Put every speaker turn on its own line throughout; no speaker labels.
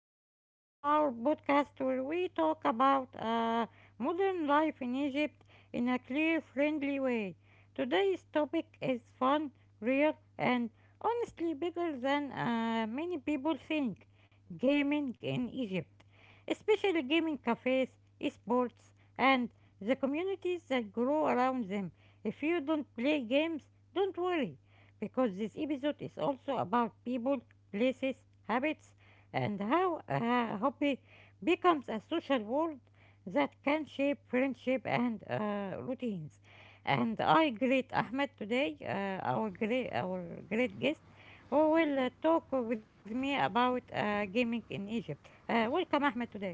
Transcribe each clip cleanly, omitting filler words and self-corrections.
You are listening to our podcast where we talk about modern life in Egypt in a clear, friendly way. Today's topic is fun, real, and honestly bigger than many people think gaming in Egypt, especially gaming cafes, esports, and the communities that grow around them. If you don't play games, don't worry because this episode is also about people places, habits, and how a hobby becomes a social world that can shape friendship and routines. And I greet Ahmed today, our great guest, who will talk with me about gaming in Egypt. Welcome, Ahmed, today.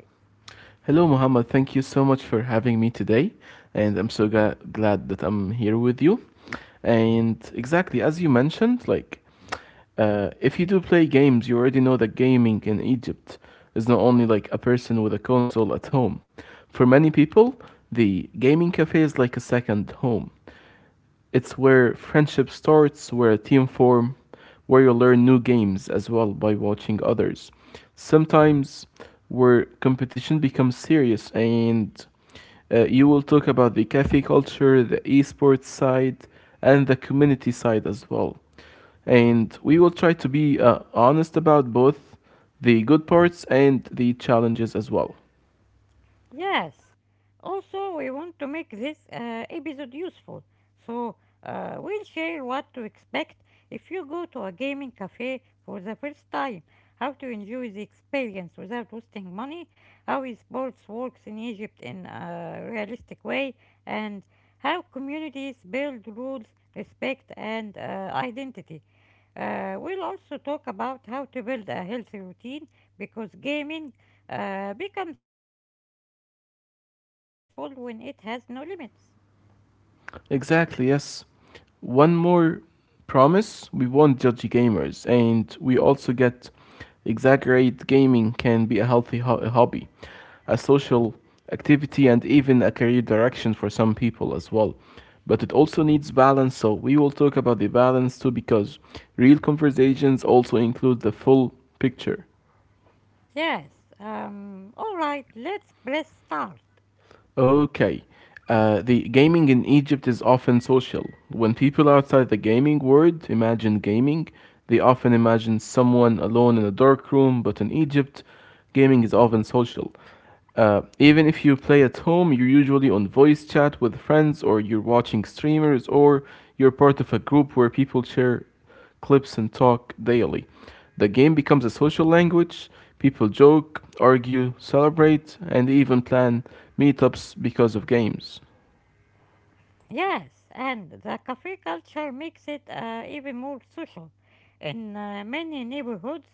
Hello, Muhammad. Thank you so much for having me today, and I'm so glad that I'm here with you. And exactly as you mentioned, if you do play games, you already know that gaming in Egypt is not only like a person with a console at home. For many people, the gaming cafe is like a second home. It's where friendship starts, where a team form, where you learn new games as well by watching others. Sometimes where competition becomes serious and you will talk about the cafe culture, the esports side, and the community side as well. And we will try to be honest about both the good parts and the challenges as well.
Yes. Also, we want to make this episode useful. So, we'll share what to expect if you go to a gaming cafe for the first time, how to enjoy the experience without wasting money, how sports works in Egypt in a realistic way, and how communities build rules, respect, and identity. We'll also talk about how to build a healthy routine because gaming becomes stressful when it has no limits.
Exactly, yes. One more promise we won't judge gamers, and we also get exaggerate gaming can be a healthy hobby, a social activity, and even a career direction for some people as well. But it also needs balance, so we will talk about the balance too because real conversations also include the full picture.
Yes, alright, let's press start.
Okay. The gaming in Egypt is often social. When people outside the gaming world imagine gaming, they often imagine someone alone in a dark room, but in Egypt, gaming is often social. Even if you play at home, you're usually on voice chat with friends, or you're watching streamers, or you're part of a group where people share clips and talk daily. The game becomes a social language. People joke, argue, celebrate, and even plan meetups because of games.
Yes, and the cafe culture makes it even more social. In many neighborhoods,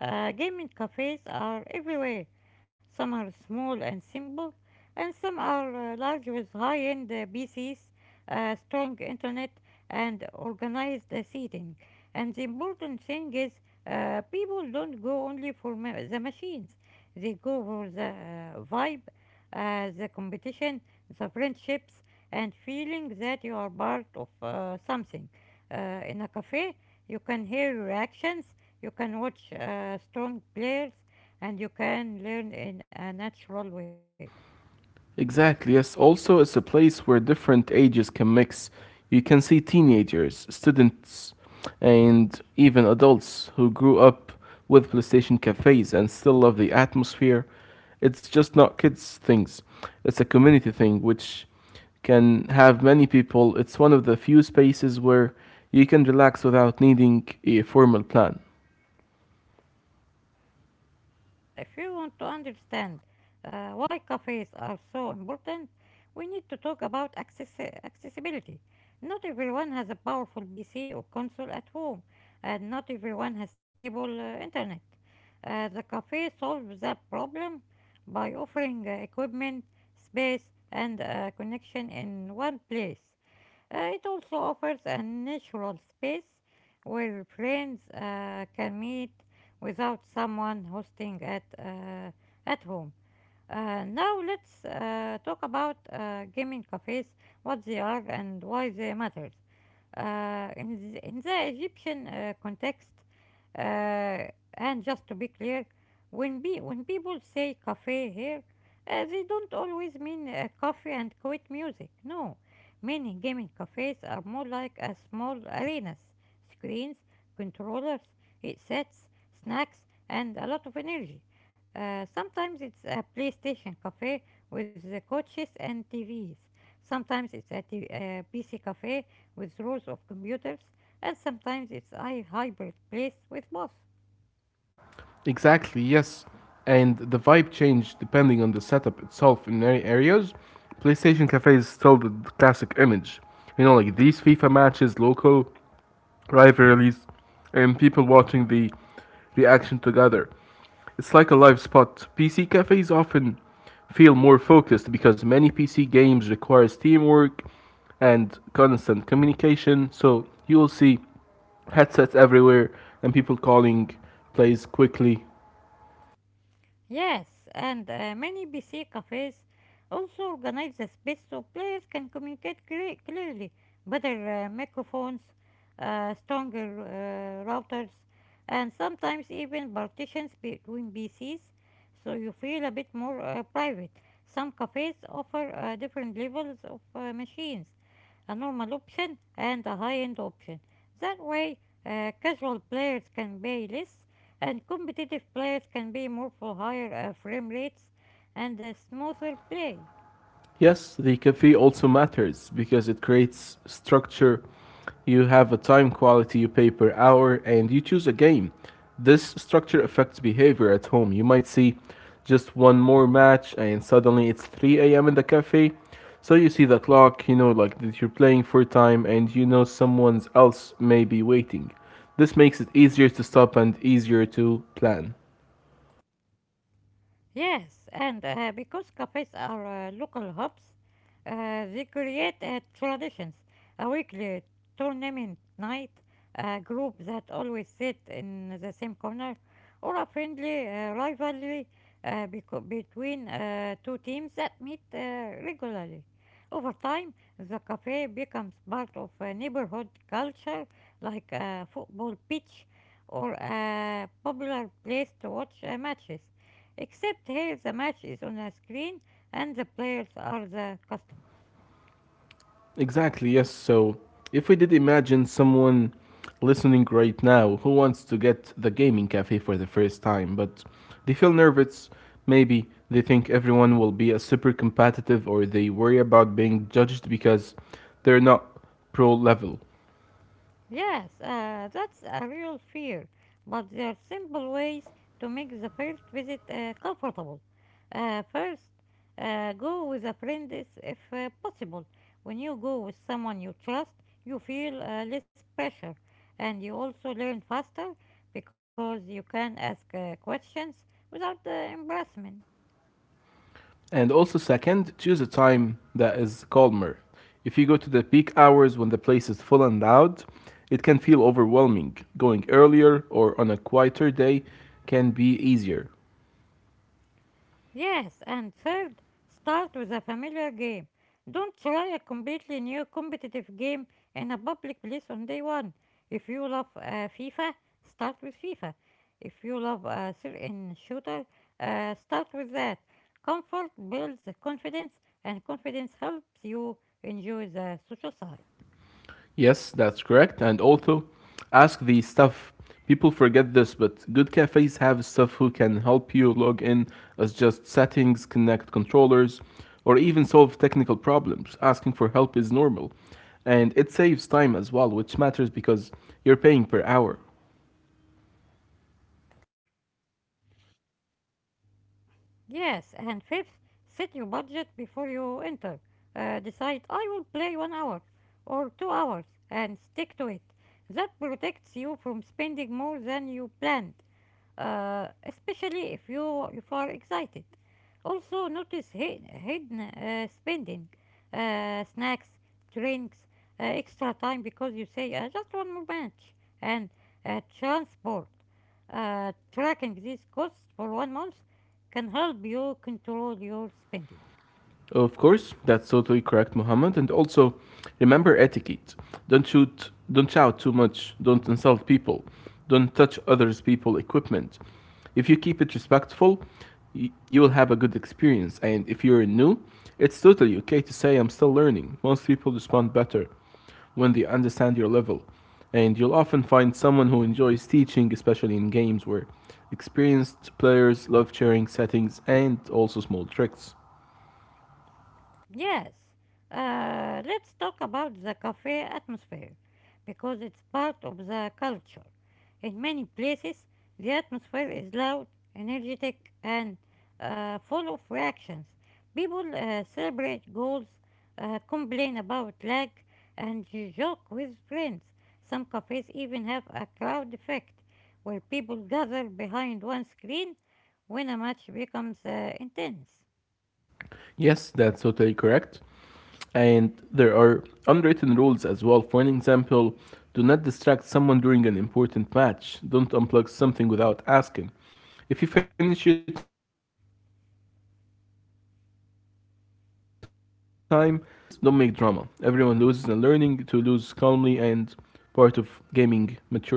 gaming cafes are everywhere. Some are small and simple, and some are large with high-end PCs, strong internet, and organized seating. And the important thing is, people don't go only for the machines. They go for the vibe, the competition, the friendships, and feeling that you are part of something. In a cafe, you can hear reactions, you can watch strong players, and you can learn in a natural way.
Exactly, yes. Also, it's a place where different ages can mix. You can see teenagers, students, and even adults who grew up with PlayStation cafes and still love the atmosphere. It's just not kids' things, it's a community thing which can have many people. It's one of the few spaces where you can relax without needing a formal plan.
Yes, and if you want to understand why cafes are so important, we need to talk about accessibility. Not everyone has a powerful PC or console at home, and not everyone has stable internet. The cafe solves that problem by offering equipment, space, and connection in one place. It also offers a natural space where friends can meet without someone hosting at home. Now let's talk about gaming cafes, what they are and why they matter in the Egyptian context, uh, and just to be clear, when people say cafe here, they don't always mean coffee and quiet music. No, many gaming cafes are more like a small arenas, screens, controllers, headsets, snacks, and a lot of energy. Sometimes it's a PlayStation cafe with the coaches and TVs. Sometimes it's a PC cafe with rows of computers, and sometimes it's a hybrid place with both.
Exactly, yes. And the vibe changed depending on the setup itself in many areas. PlayStation Cafe is still the classic image. You know, like these FIFA matches, local rivalries, and people watching the reaction together. It's like a live spot. PC cafes often feel more focused because many PC games requires teamwork and constant communication. So you will see headsets everywhere and people calling plays quickly.
Yes, and many PC cafes also organize the space so players can communicate clearly. Better microphones, stronger routers, and sometimes even partitions between PCs so you feel a bit more private. Some cafes offer different levels of machines a normal option and a high-end option. That way, casual players can pay less and competitive players can be more for higher frame rates and smoother play.
Yes, the cafe also matters because it creates structure. You have a time quality, you pay per hour, and you choose a game. This structure affects behavior at home. You might see just one more match, and suddenly it's 3 a.m. in the cafe. So you see the clock, you know, like that you're playing for time, and you know someone else may be waiting. This makes it easier to stop and easier to plan.
Yes, and because cafes are local hubs, they create traditions. A weekly tournament night, a group that always sit in the same corner, or a friendly rivalry between two teams that meet regularly. Over time, the cafe becomes part of a neighborhood culture like a football pitch or a popular place to watch matches. Except here the match is on a screen and the players are the customers.
Exactly, yes. So, if we did imagine someone listening right now who wants to get the gaming cafe for the first time, but they feel nervous, maybe they think everyone will be a super competitive or they worry about being judged because they're not pro level.
Yes, that's a real fear, but there are simple ways to make the first visit comfortable. First, go with a friend if possible. When you go with someone you trust, you feel less pressure and you also learn faster because you can ask questions without embarrassment.
And also, second, choose a time that is calmer. If you go to the peak hours when the place is full and loud, it can feel overwhelming. Going earlier or on a quieter day can be easier.
Yes, and third, start with a familiar game. Don't try a completely new competitive game in a public place on day one. If you love FIFA, start with FIFA. If you love a certain shooter, start with that. Comfort builds confidence, and confidence helps you enjoy the social side.
Yes, that's correct. And also, ask the staff. People forget this, but good cafes have staff who can help you log in as just settings, connect controllers, or even solve technical problems. Asking for help is normal. And it saves time as well, which matters because you're paying per hour.
Yes, and fifth, set your budget before you enter. Decide I will play 1 hour or 2 hours and stick to it. That protects you from spending more than you planned especially if you are excited. Also, notice hidden spending, snacks, drinks, extra time because you say just one more match, and transport. Tracking these costs for 1 month can help you control your spending.
Of course, that's totally correct, Muhammad. And also, remember etiquette. Don't shoot, don't shout too much. Don't insult people. Don't touch others' people equipment. If you keep it respectful, you will have a good experience. And if you're new, it's totally okay to say I'm still learning. Most people respond better when they understand your level. And you'll often find someone who enjoys teaching, especially in games where experienced players love sharing settings and also small tricks.
Yes, let's talk about the cafe atmosphere because it's part of the culture. In many places, the atmosphere is loud, energetic, and full of reactions. People celebrate goals, complain about lag, and joke with friends. Some cafes even have a crowd effect where people gather behind one screen when a match becomes intense.
Yes, that's totally correct. And there are unwritten rules as well. For an example, do not distract someone during an important match. Don't unplug something without asking. If you finish your time, stand up quickly and allow the next person to play. And if you lose, don't make drama. Everyone loses and learning to lose calmly and part of gaming maturity.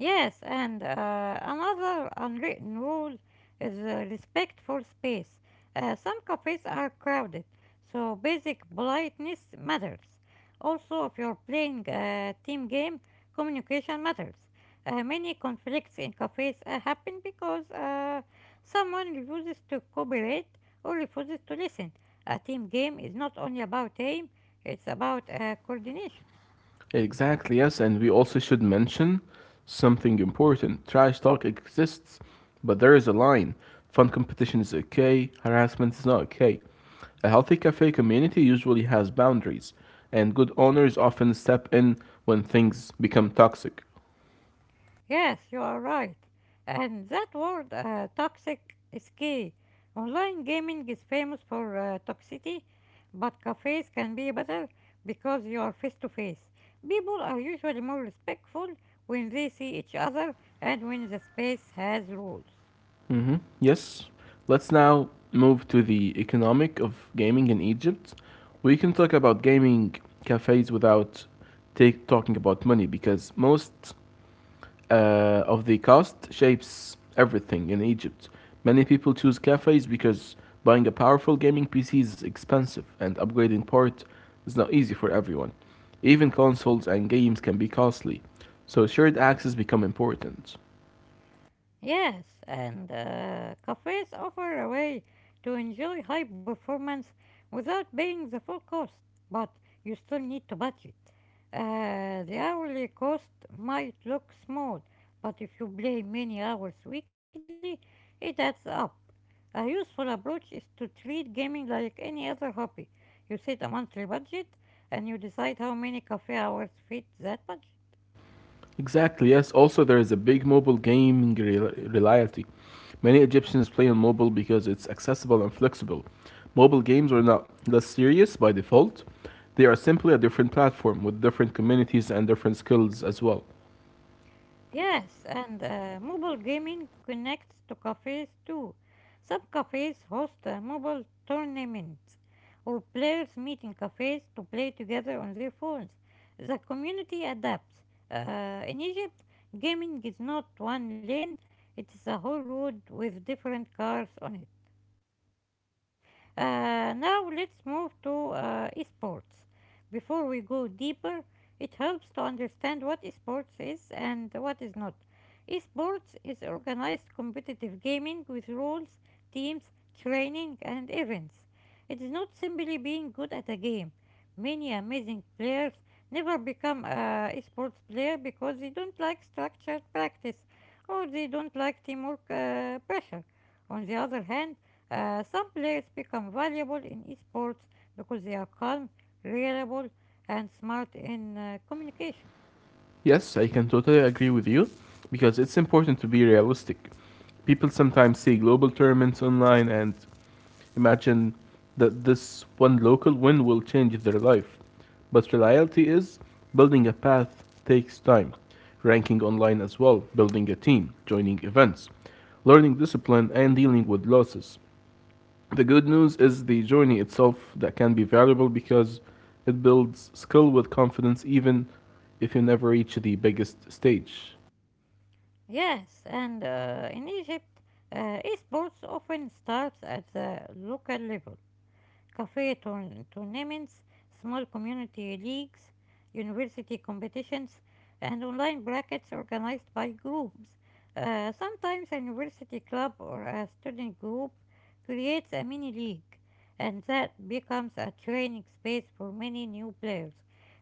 Yes, and another unwritten rule is respect for space. Some cafes are crowded, so basic politeness matters. Also, if you're playing a team game, communication matters. Many conflicts in cafes happen because someone refuses to cooperate or refuses to listen. A team game is not only about aim, it's about coordination.
Exactly, yes, and we also should mention something important. Trash talk exists, but there is a line. Fun competition is okay, harassment is not okay. A healthy cafe community usually has boundaries, and good owners often step in when things become toxic.
Yes, you are right. And that word toxic is key. Online gaming is famous for toxicity, but cafes can be better because you are face to face. People are usually more respectful when they see each other and when the space has rules.
Yes, let's now move to the economic of gaming in Egypt. We can talk about gaming cafes without talking about money because most of the cost shapes everything in Egypt. Many people choose cafes because buying a powerful gaming PC is expensive and upgrading port is not easy for everyone. Even consoles and games can be costly, so shared access become important.
Yes, and cafes offer a way to enjoy high performance without paying the full cost, but you still need to budget. The hourly cost might look small, but if you play many hours weekly, it adds up. A useful approach is to treat gaming like any other hobby. You set a monthly budget and you decide how many cafe hours fit that budget.
Exactly, yes. Also, there is a big mobile gaming reality. Many Egyptians play on mobile because it's accessible and flexible. Mobile games are not less serious by default, they are simply a different platform with different communities and different skills as well.
Yes, and mobile gaming connects to cafes too. Some cafes host mobile tournaments, or players meet in cafes to play together on their phones. The community adapts. In Egypt, gaming is not one lane, it is a whole road with different cars on it. Now let's move to esports. Before we go deeper, it helps to understand what esports is and what is not. Esports is organized competitive gaming with rules, teams, training, and events. It is not simply being good at a game. Many amazing players never become a esports player because they don't like structured practice or they don't like teamwork pressure. On the other hand, some players become valuable in esports because they are calm, reliable, and smart in communication.
Yes, I can totally agree with you because it's important to be realistic. People sometimes see global tournaments online and imagine that this one local win will change their life. But reality is, building a path takes time. Ranking online as well, building a team, joining events, learning discipline, and dealing with losses. The good news is the journey itself that can be valuable because it builds skill with confidence even if you never reach the biggest stage.
Yes, and in Egypt, esports often starts at the local level. Tournaments, small community leagues, university competitions, and online brackets organized by groups. Sometimes a university club or a student group creates a mini league, and that becomes a training space for many new players.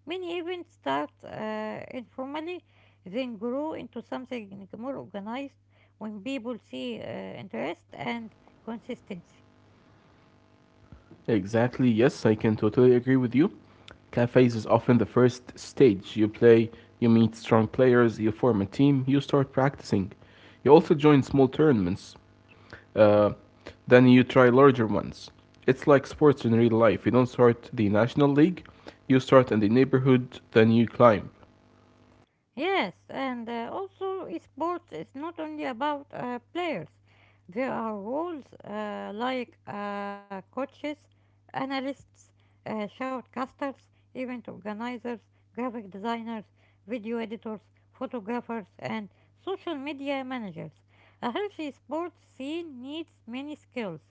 Many events start informally, then grow into something more organized when people see interest and consistency.
Exactly, yes, I can totally agree with you. Cafes is often the first stage. You play, you meet strong players, you form a team, you start practicing. You also join small tournaments, uh, then you try larger ones. It's like sports in real life. You don't start the national league, you start in the neighborhood, then you climb.
Yes, and also sports is not only about players. There are roles like coaches, analysts, shoutcasters, event organizers, graphic designers, video editors, photographers, and social media managers. A healthy sports scene needs many skills,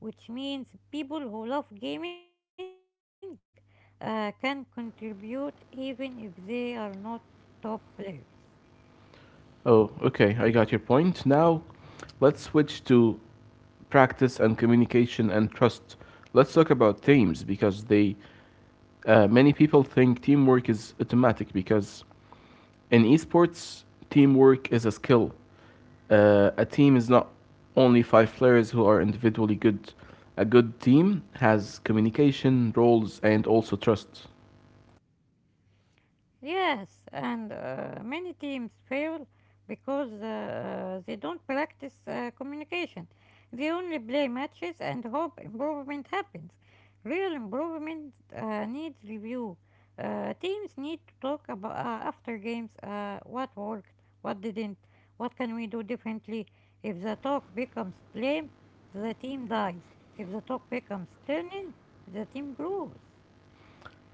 which means people who love gaming can contribute even if they are not top players.
Oh, okay, I got your point. Now, let's switch to practice and communication and trust. Let's talk about teams because they many people think teamwork is automatic because in esports, teamwork is a skill. A team is not only five players who are individually good. A good team has communication, roles, and also trust.
Yes, and many teams fail because they don't practice communication. They only play matches and hope improvement happens. Real improvement needs review. Teams need to talk about after games what worked, what didn't, what can we do differently. If the talk becomes blame, the team dies. If the talk becomes learning, the team grows.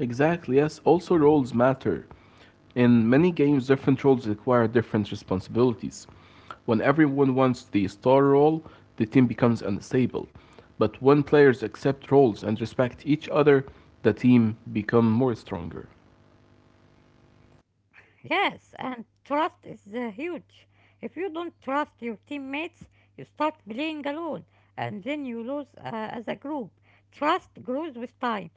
Exactly, yes. Also, roles matter. In many games, different roles require different responsibilities. When everyone wants the star role, the team becomes unstable. But when players accept roles and respect each other, the team become more stronger.
Yes, and trust is huge. If you don't trust your teammates, you start playing alone and then you lose as a group. Trust grows with time,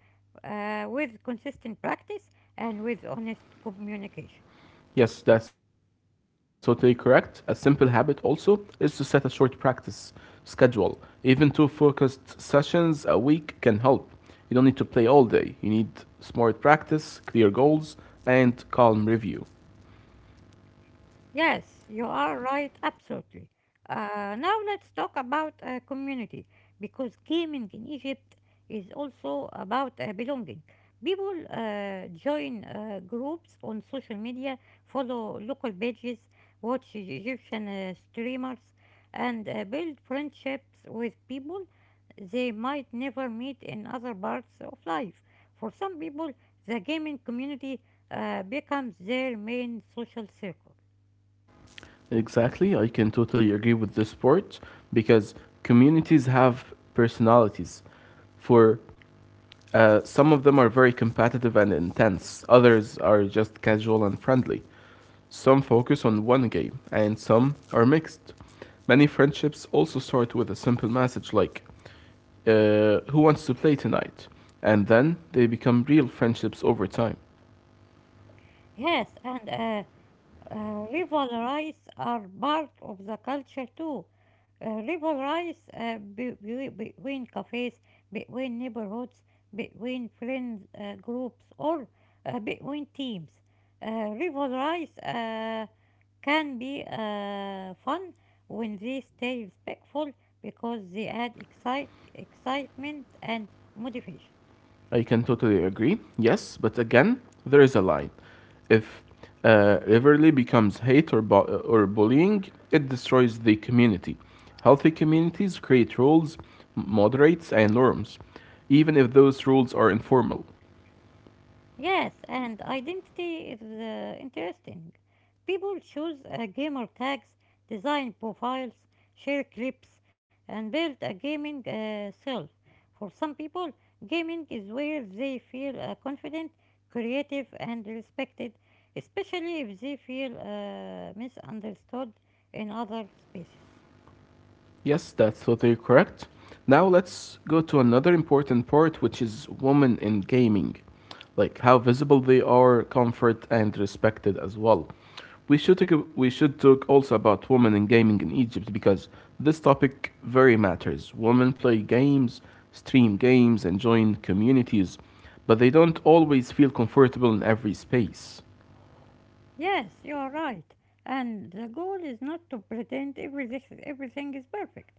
with consistent practice, and with honest communication.
Yes, that's totally correct. A simple habit also is to set a short practice schedule. Even two focused sessions a week can help. You don't need to play all day. You need smart practice, clear goals, and calm review.
Yes, you are right, absolutely. Now let's talk about community because gaming in Egypt is also about belonging. People join groups on social media, follow local pages, watch Egyptian streamers, and build friendships with people they might never meet in other parts of life. For some people, the gaming community becomes their main social circle.
Exactly, I can totally agree with this part because communities have personalities. For Some of them are very competitive and intense, others are just casual and friendly. Some focus on one game, and some are mixed. Many friendships also start with a simple message like, who wants to play tonight? And then they become real friendships over time.
Yes, and rivalries are part of the culture too. Rivalries between cafes, between neighborhoods, between friends groups, or between teams. Uh, Rivalries can be fun when they stay respectful because they add excitement and motivation.
I can totally agree, yes, but again, there is a line. If rivalry becomes hate or bullying, it destroys the community. Healthy communities create rules, moderates, and norms, even if those rules are informal.
Yes, and identity is interesting. People choose gamer tags, design profiles, share clips, and build a gaming self. For some people, gaming is where they feel confident, creative, and respected, especially if they feel misunderstood in other spaces.
Yes, that's totally correct. Now let's go to another important part, which is women in gaming, like how visible they are, comfort, and respected as well. We should talk also about women in gaming in Egypt because this topic very matters. Women play games, stream games, and join communities, but they don't always feel comfortable in every space.
Yes, you are right. And the goal is not to pretend everything is perfect.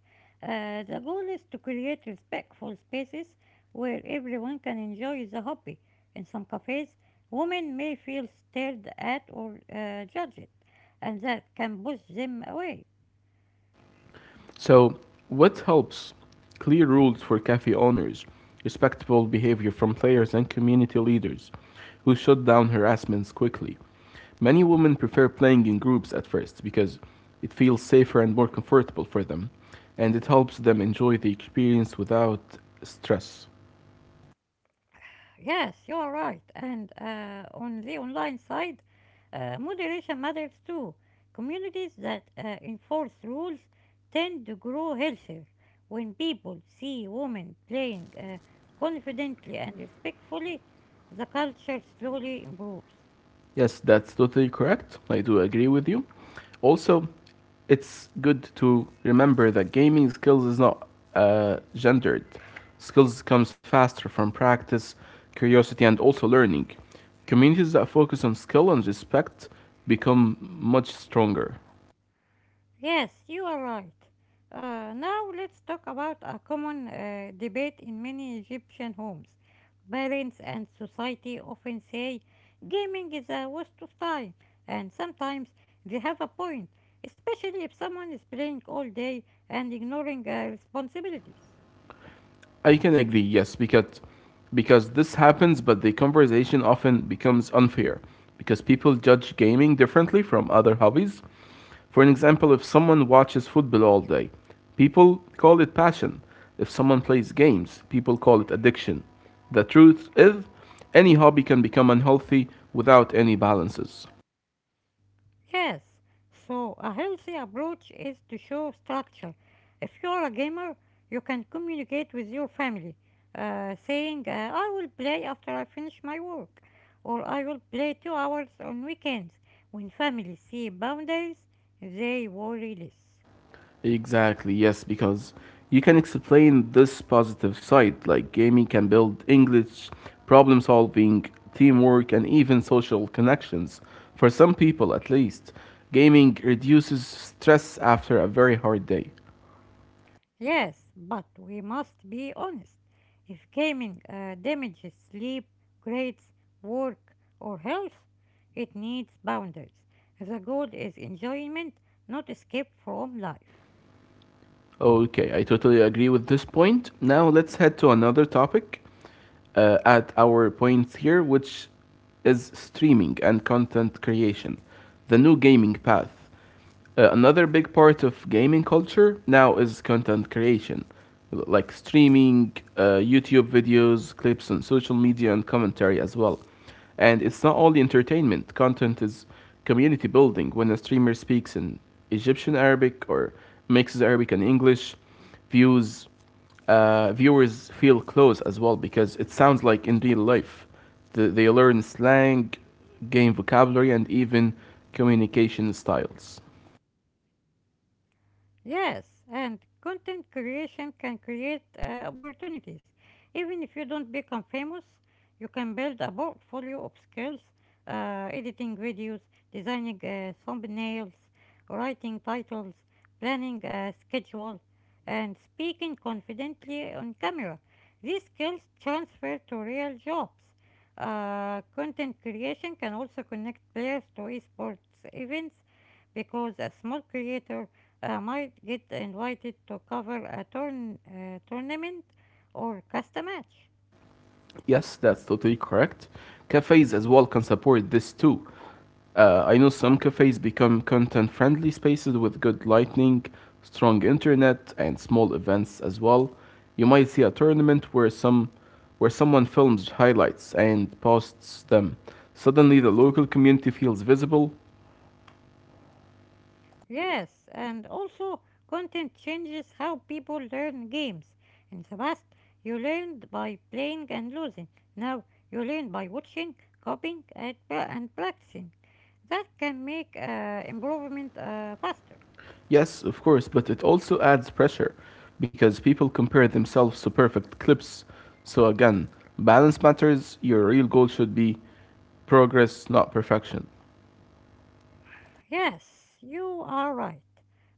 The goal is to create respectful spaces where everyone can enjoy the hobby. In some cafes, women may feel stared at or judged, and that can push them away.
So, what helps? Clear rules for cafe owners, respectful behavior from players and community leaders who shut down harassments quickly. Many women prefer playing in groups at first because it feels safer and more comfortable for them, and it helps them enjoy the experience without stress.
Yes, you're right. And on the online side, moderation matters too. Communities that enforce rules tend to grow healthier. When people see women playing confidently and respectfully, the culture slowly improves.
Yes, that's totally correct. I do agree with you. Also, it's good to remember that gaming skills is not gendered. Skills comes faster from practice, curiosity, and also learning. Communities that focus on skill and respect become much stronger.
Yes, you are right. Now let's talk about a common debate in many Egyptian homes. Parents and society often say gaming is a waste of time, and sometimes they have a point, especially if someone is playing all day and ignoring responsibilities.
I can agree, yes, because this happens, but the conversation often becomes unfair because people judge gaming differently from other hobbies. For an example, if someone watches football all day, people call it passion. If someone plays games, people call it addiction. The truth is, any hobby can become unhealthy without any balances.
Yes, so a healthy approach is to show structure. If you're a gamer, you can communicate with your family, saying, I will play after I finish my work, or I will play 2 hours on weekends. When families see boundaries, they worry less.
Exactly, yes, because you can explain this positive side. Like, gaming can build English, problem solving, teamwork, and even social connections. For some people, at least, gaming reduces stress after a very hard day.
Yes, but we must be honest. If gaming damages sleep, grades, work, or health, it needs boundaries. The goal is enjoyment, not escape from life.
Okay, I totally agree with this point. Now let's head to another topic at our point here, which is streaming and content creation, the new gaming path. Another big part of gaming culture now is content creation, like streaming, YouTube videos, clips on social media, and commentary as well. And it's not only entertainment, content is community building. When a streamer speaks in Egyptian Arabic or mixes Arabic and English, views viewers feel close as well because it sounds like in real life. They learn slang, gain vocabulary, and even communication styles.
Yes, and content creation can create opportunities. Even if you don't become famous, you can build a portfolio of skills, editing videos, designing thumbnails, writing titles, planning a schedule, and speaking confidently on camera. These skills transfer to real jobs. Content creation can also connect players to esports events because a small creator might get invited to cover a tournament or cast a match.
Yes, that's totally correct. Cafes as well can support this too. I know some cafes become content friendly spaces with good lighting, strong internet, and small events as well. You might see a tournament where some where someone films highlights and posts them. Suddenly the local community feels visible.
Yes, and also content changes how people learn games. In the past, you learned by playing and losing. Now you learn by watching, copying, and practicing. That can make improvement faster.
Yes, of course, but it also adds pressure because people compare themselves to perfect clips. So again, balance matters. Your real goal should be progress, not perfection.
Yes, you are right.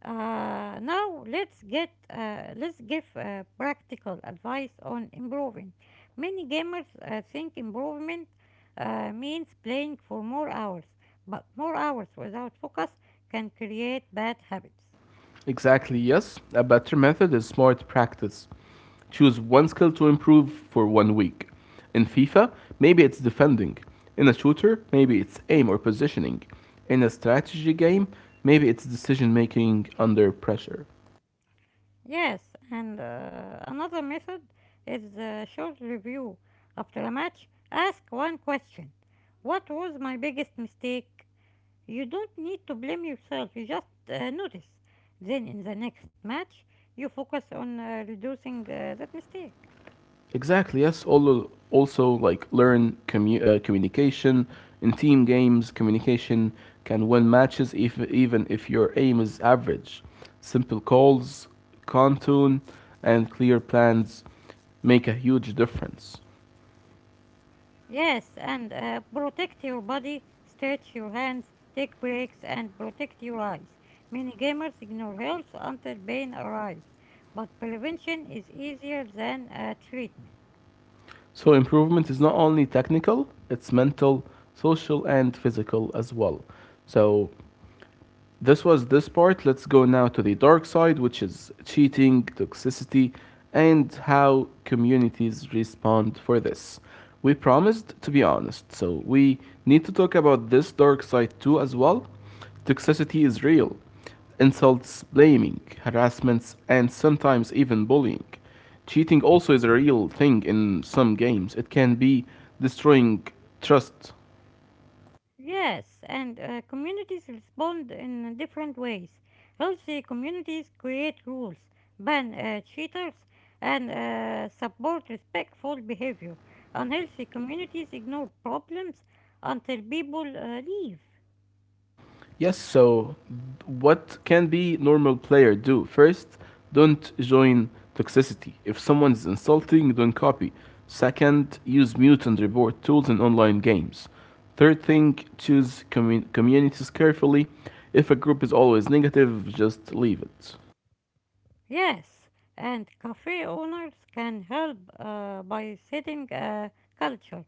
Now let's get let's give practical advice on improving. Many gamers think improvement means playing for more hours, but more hours without focus can create bad habits.
Exactly, yes. A better method is smart practice. Choose one skill to improve for one week. In FIFA, maybe it's defending. In a shooter, maybe it's aim or positioning. In a strategy game, maybe it's decision making under pressure.
Yes, and another method is a short review after a match. Ask one question: what was my biggest mistake? You don't need to blame yourself, you just notice. Then in the next match, you focus on reducing that mistake.
Exactly. Yes. Also, also like learn communication in team games. Communication can win matches if even if your aim is average. Simple calls, contour, and clear plans make a huge difference.
Yes, and protect your body, stretch your hands, take breaks, and protect your eyes. Many gamers ignore health until pain arrives, but prevention is easier than treatment.
So improvement is not only technical; it's mental, social, and physical as well. So This was this part. Let's go now to the dark side, which is cheating, toxicity, and how communities respond for this. We promised to be honest, so we need to talk about this dark side too as well. Toxicity is real. Insults, blaming, harassments, and sometimes even bullying. Cheating also is a real thing in some games. It can be destroying trust.
Yes, and communities respond in different ways. Healthy communities create rules, ban cheaters, and support respectful behavior. Unhealthy communities ignore problems until people leave.
Yes, so what can be normal player do? First, don't join toxicity. If someone's insulting, don't copy. Second, use mute and report tools in online games. Third thing, choose communities carefully. If a group is always negative, just leave it.
Yes, and cafe owners can help by setting a culture,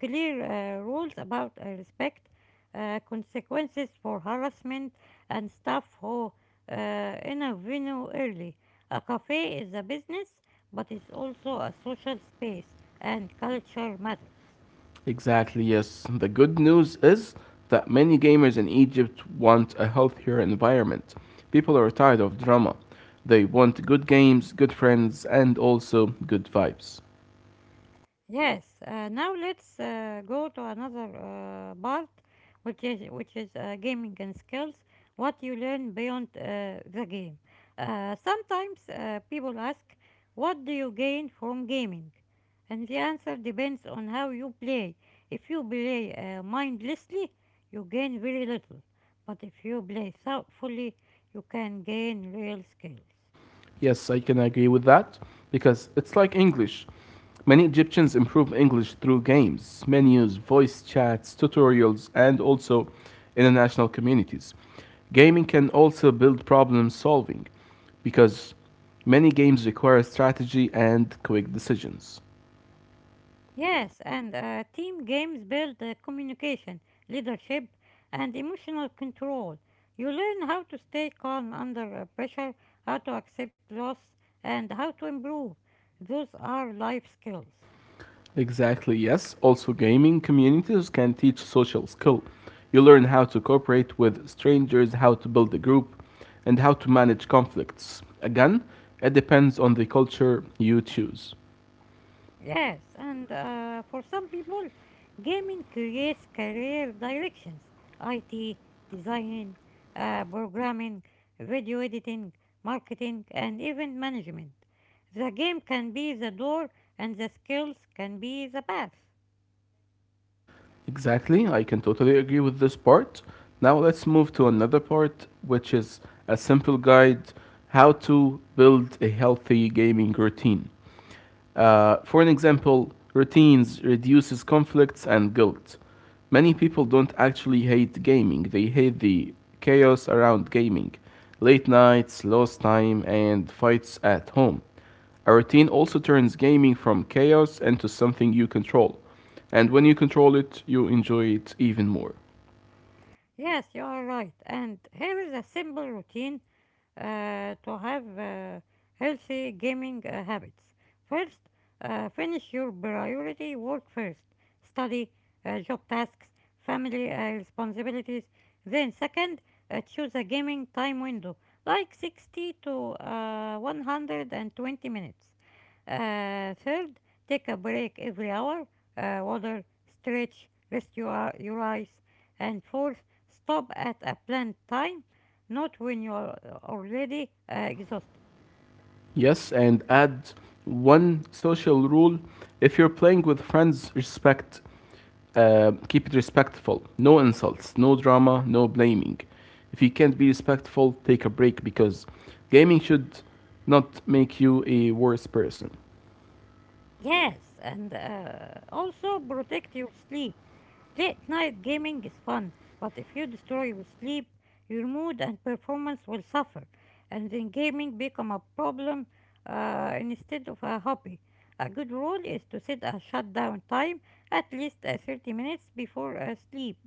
clear rules about respect, consequences for harassment, and staff who intervene early. A cafe is a business, but it's also a social space, and culture matters.
Exactly, yes. The good news is that many gamers in Egypt want a healthier environment. People are tired of drama. They want good games, good friends, and also good vibes.
Yes, now let's go to another part, which is gaming and skills. What you learn beyond the game. Sometimes people ask, "What do you gain from gaming?" And the answer depends on how you play. If you play mindlessly, you gain very little. But if you play thoughtfully, you can gain real skills.
Yes, I can agree with that because it's like English. Many Egyptians improve English through games, menus, voice chats, tutorials, and also international communities. Gaming can also build problem solving because many games require strategy and quick decisions.
Yes, and team games build communication, leadership, and emotional control. You learn how to stay calm under pressure, how to accept loss, and how to improve. Those are life skills.
Exactly, yes. Also, gaming communities can teach social skill. You learn how to cooperate with strangers, how to build a group, and how to manage conflicts. Again, it depends on the culture you choose.
Yes, and for some people, gaming creates career directions: IT, designing, programming, video editing, marketing, and event management. The game can be the door, and the skills can be the path.
Exactly, I can totally agree with this part. Now, let's move to another part, which is a simple guide how to build a healthy gaming routine. For an example, routines reduces conflicts and guilt. Many people don't actually hate gaming, they hate the chaos around gaming, late nights, lost time, and fights at home. A routine also turns gaming from chaos into something you control, and when you control it, you enjoy it even more.
Yes, you are right. And here is a simple routine to have healthy gaming habits. First, finish your priority work first: study, job tasks, family responsibilities. Then, second, choose a gaming time window like 60 to 120 minutes. Third, take a break every hour: water, stretch, rest your eyes. And fourth, stop at a planned time, not when you're already exhausted.
Yes, and add one social rule. If you're playing with friends, respect. Keep it respectful. No insults, no drama, no blaming. If you can't be respectful, take a break because gaming should not make you a worse person.
Yes, and also protect your sleep. Late night gaming is fun, but if you destroy your sleep, your mood and performance will suffer, and then gaming become a problem instead of a hobby. A good rule is to set a shutdown time at least 30 minutes before sleep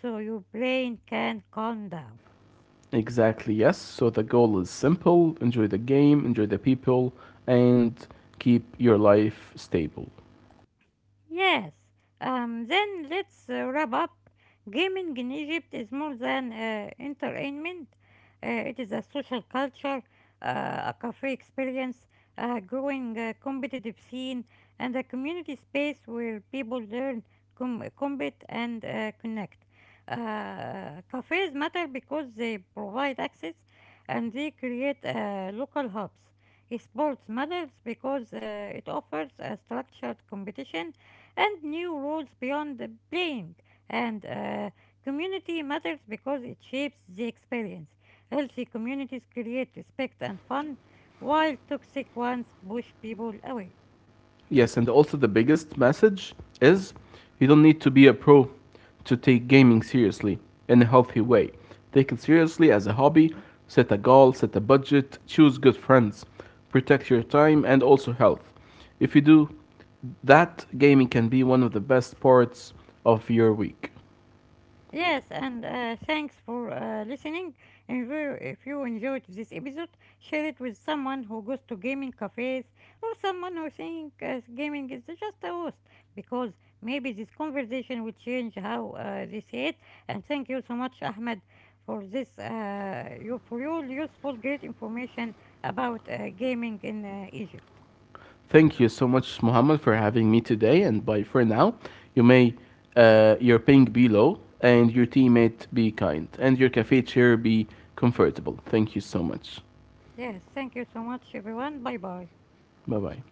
so your brain can calm down.
Exactly, yes. So the goal is simple: enjoy the game, enjoy the people, and keep your life stable.
Yes. Then let's wrap up. Gaming in Egypt is more than entertainment. It is a social culture, a cafe experience, a growing competitive scene, and a community space where people learn, compete, and connect. Cafes matter because they provide access and they create local hubs. Sports matters because it offers a structured competition and new rules beyond the playing. And community matters because it shapes the experience. Healthy communities create respect and fun, while toxic ones push people away.
Yes, and also the biggest message is you don't need to be a pro to take gaming seriously in a healthy way. Take it seriously as a hobby, set a goal, set a budget, choose good friends, protect your time and also health. If you do that, gaming can be one of the best parts of your week.
Yes, and thanks for listening. And if you enjoyed this episode, share it with someone who goes to gaming cafes or someone who thinks gaming is just a host, because maybe this conversation will change how they see it. And thank you so much, Ahmed, for for your useful, great information about gaming in Egypt.
Thank you so much, Muhammad, for having me today. And bye for now. You may your ping be low, and your teammate be kind, and your cafe chair be comfortable. Thank you so much.
Yes, thank you so much, everyone. Bye bye.
Bye bye.